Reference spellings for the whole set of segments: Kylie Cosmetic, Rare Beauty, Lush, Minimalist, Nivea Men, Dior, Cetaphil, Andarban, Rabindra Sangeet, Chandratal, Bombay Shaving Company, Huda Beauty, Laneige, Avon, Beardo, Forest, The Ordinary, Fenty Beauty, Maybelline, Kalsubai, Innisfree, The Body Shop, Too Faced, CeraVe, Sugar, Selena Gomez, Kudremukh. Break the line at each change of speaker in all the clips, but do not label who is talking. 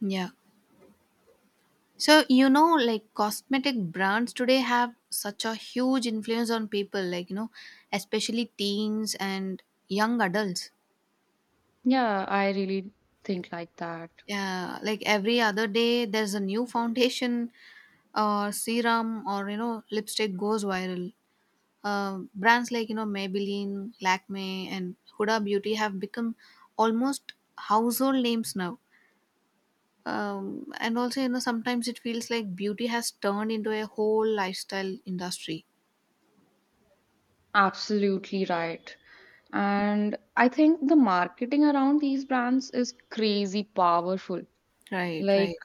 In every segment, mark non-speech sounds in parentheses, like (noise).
Yeah. So like cosmetic brands today have such a huge influence on people, especially teens and young adults.
Yeah, I really think like that.
Yeah. Like every other day, there's a new foundation or serum or lipstick goes viral. Brands like Maybelline, Lakme, and Huda Beauty have become almost household names now. And also, sometimes it feels like beauty has turned into a whole lifestyle industry.
Absolutely right. And I think the marketing around these brands is crazy powerful.
Right,
Like,
right.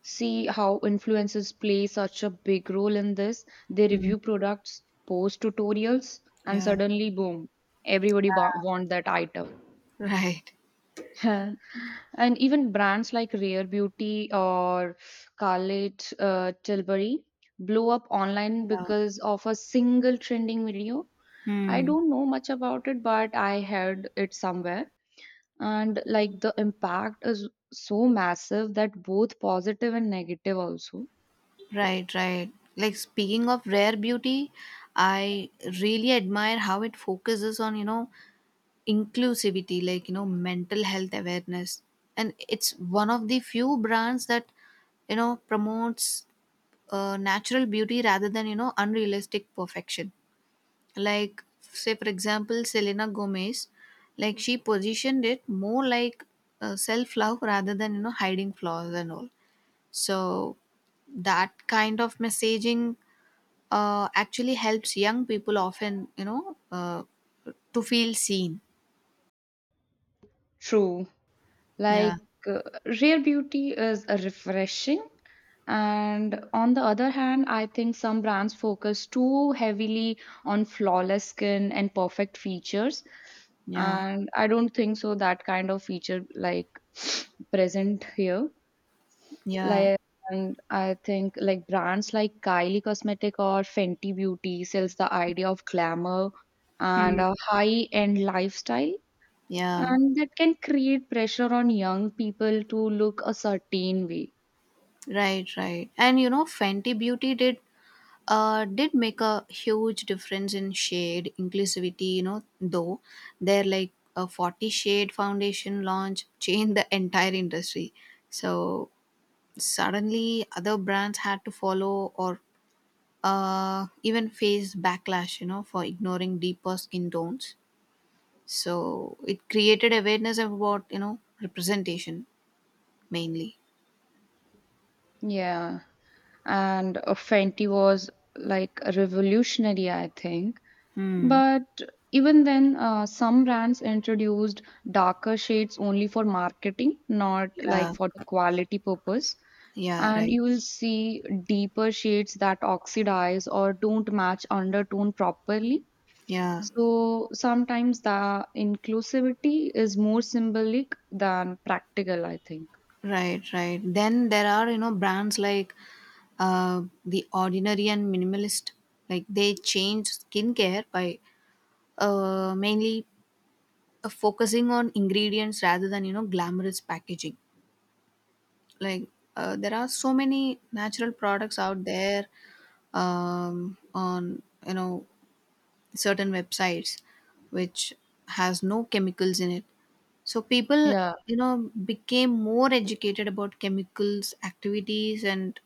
see how influencers play such a big role in this. They
Mm.
review products, post tutorials, and
Yeah.
suddenly, boom, want that item.
Right.
(laughs) And even brands like Rare Beauty or Scarlett Tilbury blew up online
Yeah.
because of a single trending video. I
Hmm.
don't know much about it, but I heard it somewhere. And like the impact is so massive that both positive and negative also.
Right, right. Like speaking of rare beauty, I really admire how it focuses on, inclusivity, like mental health awareness. And it's one of the few brands that, promotes natural beauty rather than, unrealistic perfection. Like say for example Selena Gomez, like she positioned it more like self love rather than hiding flaws and all. So that kind of messaging actually helps young people often, to feel seen.
True.
Yeah.
Like uh, Rare Beauty is refreshing, and on the other hand, I think some brands focus too heavily on flawless skin and perfect features.
Yeah.
And I don't think so that kind of feature like (sniffs) present here.
Yeah.
Like and I think like brands like Kylie Cosmetic or Fenty Beauty sells the idea of glamour and
Hmm.
a high-end lifestyle,
Yeah.
and that can create pressure on young people to look a certain way.
Right, right. And you know, Fenty Beauty did make a huge difference in shade inclusivity. You know, though their like a 40 shade foundation launch changed the entire industry. So suddenly, other brands had to follow or even face backlash. You know, for ignoring deeper skin tones. So it created awareness about representation mainly.
Yeah, and Fenty was like revolutionary, I think.
Hmm.
But even then, some brands introduced darker shades only for marketing, not like
Yeah,
for the quality purpose.
yeah,
And
right.
you will see deeper shades that oxidize or don't match undertone properly.
Yeah.
So sometimes the inclusivity is more symbolic than practical, I think.
Right, right. Then there are, brands like The Ordinary and Minimalist. Like they change skincare by mainly focusing on ingredients rather than, glamorous packaging. Like there are so many natural products out there on, certain websites which has no chemicals in it. So people
Yeah,
became more educated about chemicals activities and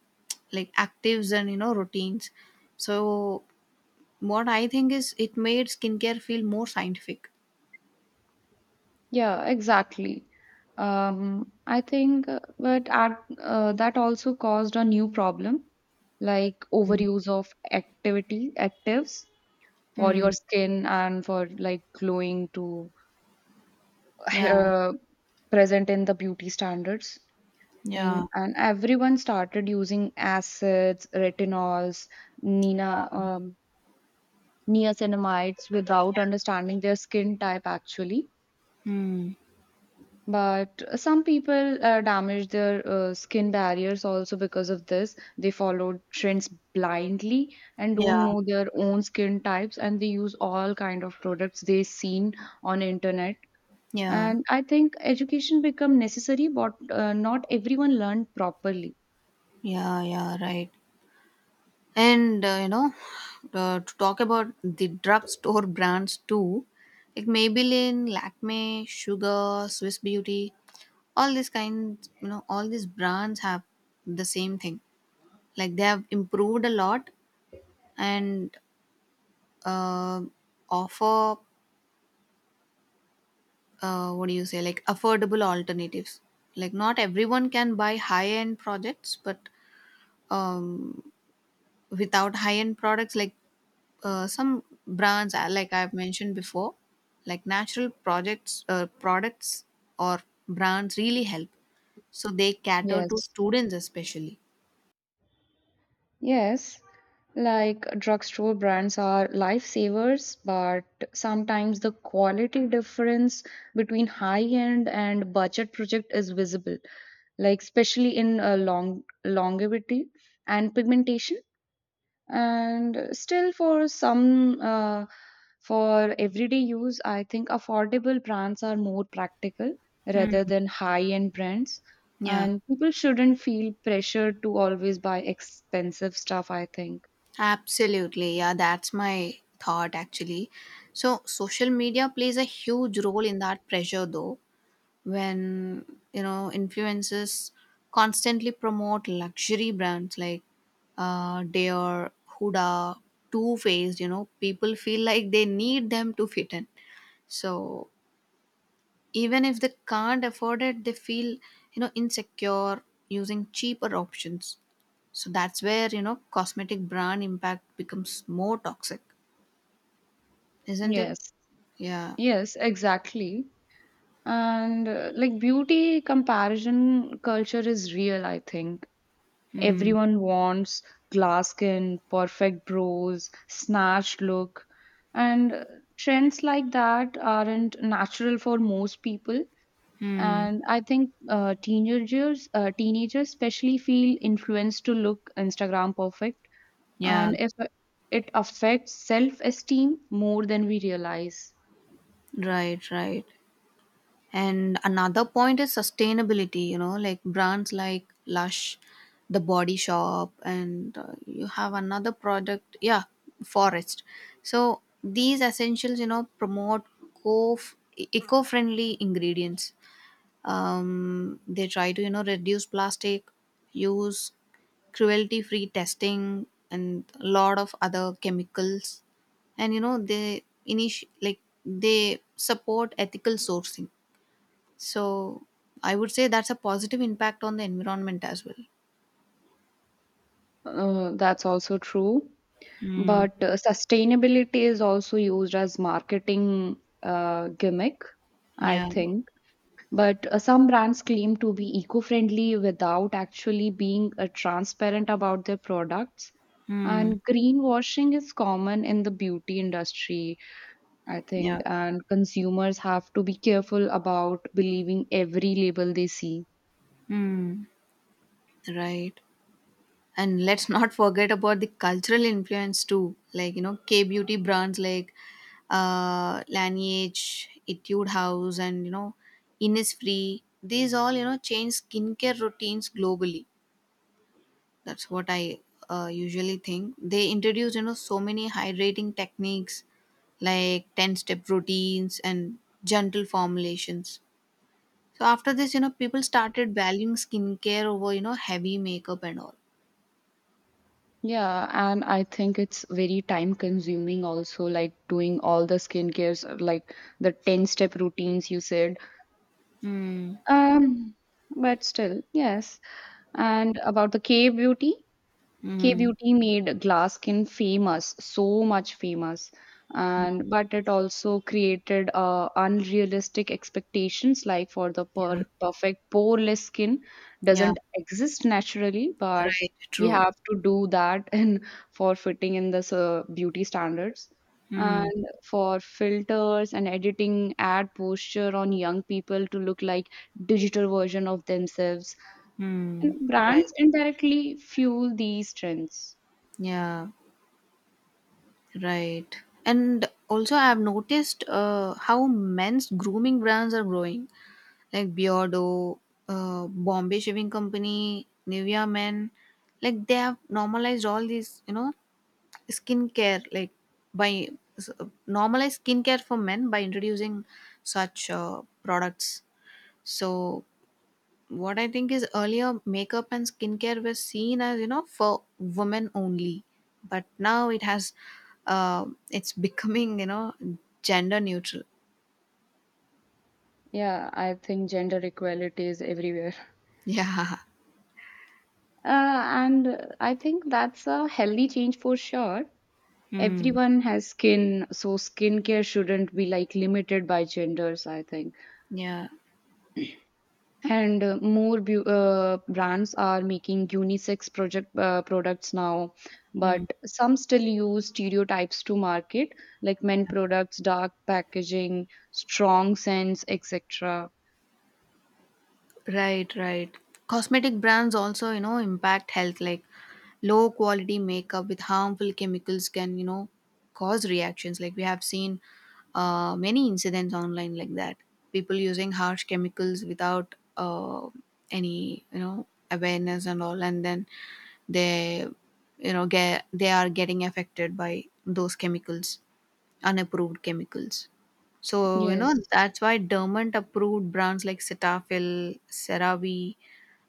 like actives and routines. So what I think is it made skincare feel more scientific.
yeah, exactly. I think, but that also caused a new problem, like overuse of activity actives for your
Hmm.
skin and for like glowing to
Yeah.
uh, present in the beauty standards
Yeah.
thing. And everyone started using acids, retinols, Nina, um, niacinamides without understanding their skin type actually,
Hmm.
but some people damage their skin barriers also because of this. They follow trends blindly and don't
Yeah.
know their own skin types, and they use all kind of products they seen on internet.
Yeah.
And I think education become necessary, but not everyone learned properly.
Yeah. Yeah. Right. And to talk about the drugstore brands too, like Maybelline, Lakme, Sugar, Swiss Beauty, all these kinds, all these brands have the same thing. Like they have improved a lot and uh, offer, what do you say, like affordable alternatives. Like not everyone can buy high end projects, but um, without high-end products like some brands like I've mentioned before, like natural projects products or brands really help. So they cater to
yes
students especially.
Yes, like drugstore brands are lifesavers, but sometimes the quality difference between high-end and budget project is visible, like especially in longevity and pigmentation. And still for some, for everyday use, I think affordable brands are more practical rather than high end brands,
Yeah,
and people shouldn't feel pressured to always buy expensive stuff, I think.
absolutely. Yeah, that's my thought actually. So social media plays a huge role in that pressure though, when influencers constantly promote luxury brands like Dior, Huda, Too Faced. You know, people feel like they need them to fit in. So even if they can't afford it, they feel insecure using cheaper options. So that's where cosmetic brand impact becomes more toxic, isn't it?
yes
Yeah,
yes, exactly. And like beauty comparison culture is real, I think. Everyone wants glass skin, perfect brows, snatched look, and trends like that aren't natural for most people. And I think teenagers especially feel influenced to look Instagram perfect,
yeah,
and if it affects self-esteem more than we realize.
right, right. And another point is sustainability, like brands like Lush, The Body Shop, and you have another product, yeah, Forest. So these essentials, promote co- eco friendly ingredients. They try to, reduce plastic, use cruelty free testing, and a lot of other chemicals. And, they like they support ethical sourcing. So I would say that's a positive impact on the environment as well.
That's also true.
Mm,
But sustainability is also used as marketing gimmick, I
yeah,
think. But some brands claim to be eco-friendly without actually being transparent about their products.
mm,
And greenwashing is common in the beauty industry, I think,
yeah,
and consumers have to be careful about believing every label they see.
mm. Right. And let's (laughs) not forget about the cultural influence too. Like K beauty brands like Laneige, Etude House, and, Innisfree. These all, change skincare routines globally. That's what I usually think. They introduce, so many hydrating techniques like 10 step routines and gentle formulations. So after this, people started valuing skincare over, heavy makeup and all.
Yeah, and I think it's very time consuming also, like doing all the skincares, like the 10 step routines you said.
Hmm.
Um, but still, yes. And about the K beauty? K
Hmm.
beauty made glass skin famous, so much famous, and but it also created unrealistic expectations, like for the
Yeah.
perfect poreless skin
Yeah.
doesn't exist naturally, but
Right.
we
True.
have to do that (laughs) in for fitting in this beauty standards.
Hmm.
And for filters and editing, ad posture on young people to look like digital version of themselves.
Hmm.
And
Right.
brands indirectly fuel these trends.
Yeah. Right. And also, I have noticed how men's grooming brands are growing. Like Beardo, Bombay Shaving Company, Nivea Men, like they have normalized all these, skincare, like by s- normalized skincare for men by introducing such products. So, what I think is earlier makeup and skincare were seen as, for women only, but now it has, it's (laughs) becoming, gender neutral. (laughs)
Yeah, I think gender equality is everywhere.
Yeah.
And I think that's a healthy change for sure.
Hmm.
Everyone has skin, so skincare shouldn't be like limited by genders, I think.
Yeah.
And more beau brands are making unisex project products now, but some still use stereotypes to market, like men products, dark packaging, strong scents, etc.
Right, right. Cosmetic brands also, impact health, like low quality makeup with harmful chemicals can, cause reactions. Like we have seen many incidents online like that. People using harsh chemicals without any awareness and all, and then they, they are getting affected by those chemicals, unapproved chemicals. So,
Yes.
that's why dormant approved brands like Cetaphil, CeraVe,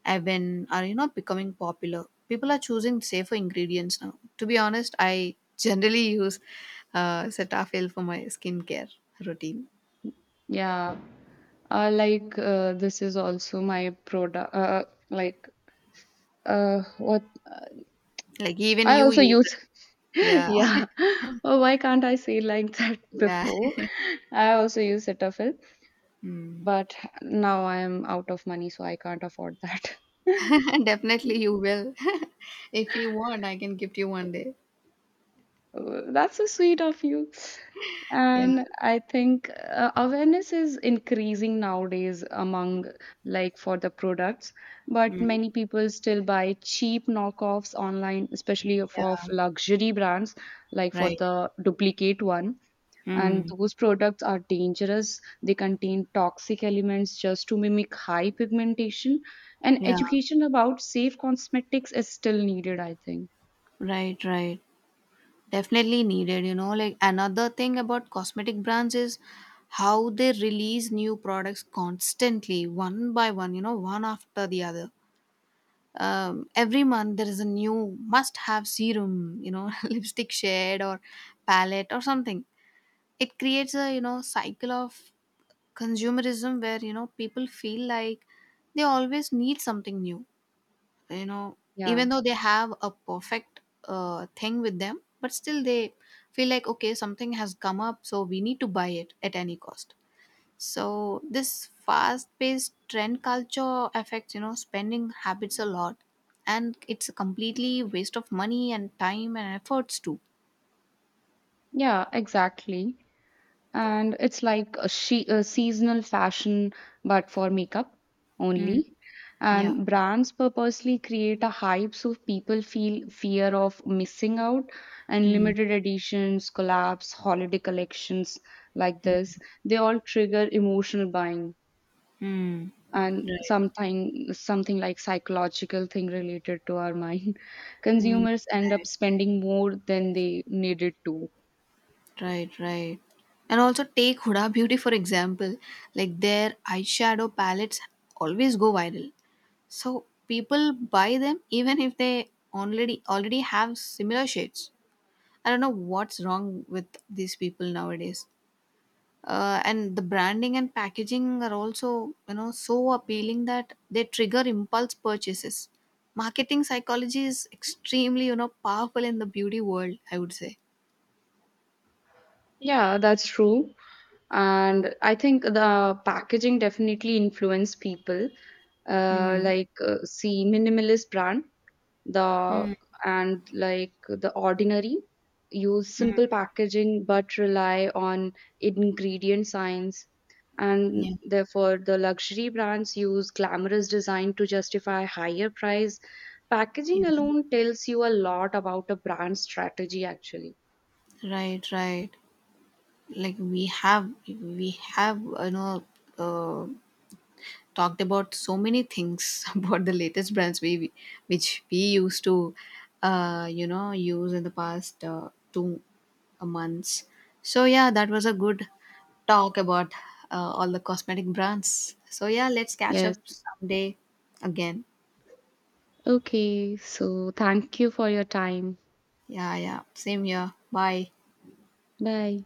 Avon are, becoming popular. People are choosing safer ingredients now. To be honest, I generally use Cetaphil for my skincare routine.
Yeah, this is also my product like what
Like even
I
you
also
use it.
use, (laughs)
Yeah.
yeah. Oh, why can't I say like (laughs) that
Yeah.
before? I also use Cetaphil,
Mm.
but now I am out of money, so I can't afford that. (laughs)
(laughs) Definitely you will. (laughs) If you want, I can gift you one day.
That's so sweet of you.
Yeah.
And I think awareness is increasing nowadays among like for the products, but
Mm.
many people still buy cheap knockoffs online, especially of
Yeah.
luxury brands, like for
Right.
the duplicate one. And
Mm.
those products are dangerous. They contain toxic elements just to mimic high pigmentation. And
Yeah.
education about safe cosmetics is still needed, I think.
Right, right. Definitely needed, you know. Like another thing about cosmetic brands is how they release new products constantly, one by one, one after the other. Every month there is a new must have serum, (laughs) lipstick shade or palette or something. It creates a, cycle of consumerism where, people feel like they always need something new, you know
Yeah,
even though they have a perfect thing with them, but still they feel like okay, something has come up, so we need to buy it at any cost. So this fast paced trend culture affects spending habits a lot, and it's a completely waste of money and time and efforts too.
yeah, exactly. And it's like a, a seasonal fashion, but for makeup
Mm.
only.
Yeah.
And brands purposely create a hype so people feel fear of missing out, and
Mm.
limited editions, collabs, holiday collections, like this, they all trigger emotional buying.
Mm.
And
Right.
something like psychological thing related to our mind, (laughs)
Mm.
consumers end up
Right.
spending more than they needed to.
Right, right. And also take Huda Beauty for example. Like their eyeshadow palettes always go viral. So people buy them even if they already have similar shades. I don't know what's wrong with these people nowadays. And the branding and packaging are also so appealing that they trigger impulse purchases. Marketing psychology is extremely powerful in the beauty world, I would say.
Yeah, that's true. And I think the packaging definitely influence people.
Hmm.
See, minimalist brand the
Hmm.
and like the ordinary use simple packaging but rely on ingredient science, and
Yeah.
therefore the luxury brands use glamorous design to justify higher price.
Yeah.
Packaging alone tells you a lot about a brand strategy actually.
Right, right. Like we have, uh, talked about so many things (laughs) about the latest brands which we used to, use in the past two months. So yeah, that was a good talk about all the cosmetic brands. So yeah, let's catch up
Yes.
someday again.
Okay, so thank you for your time.
Yeah, yeah. Same here. Bye.
Bye.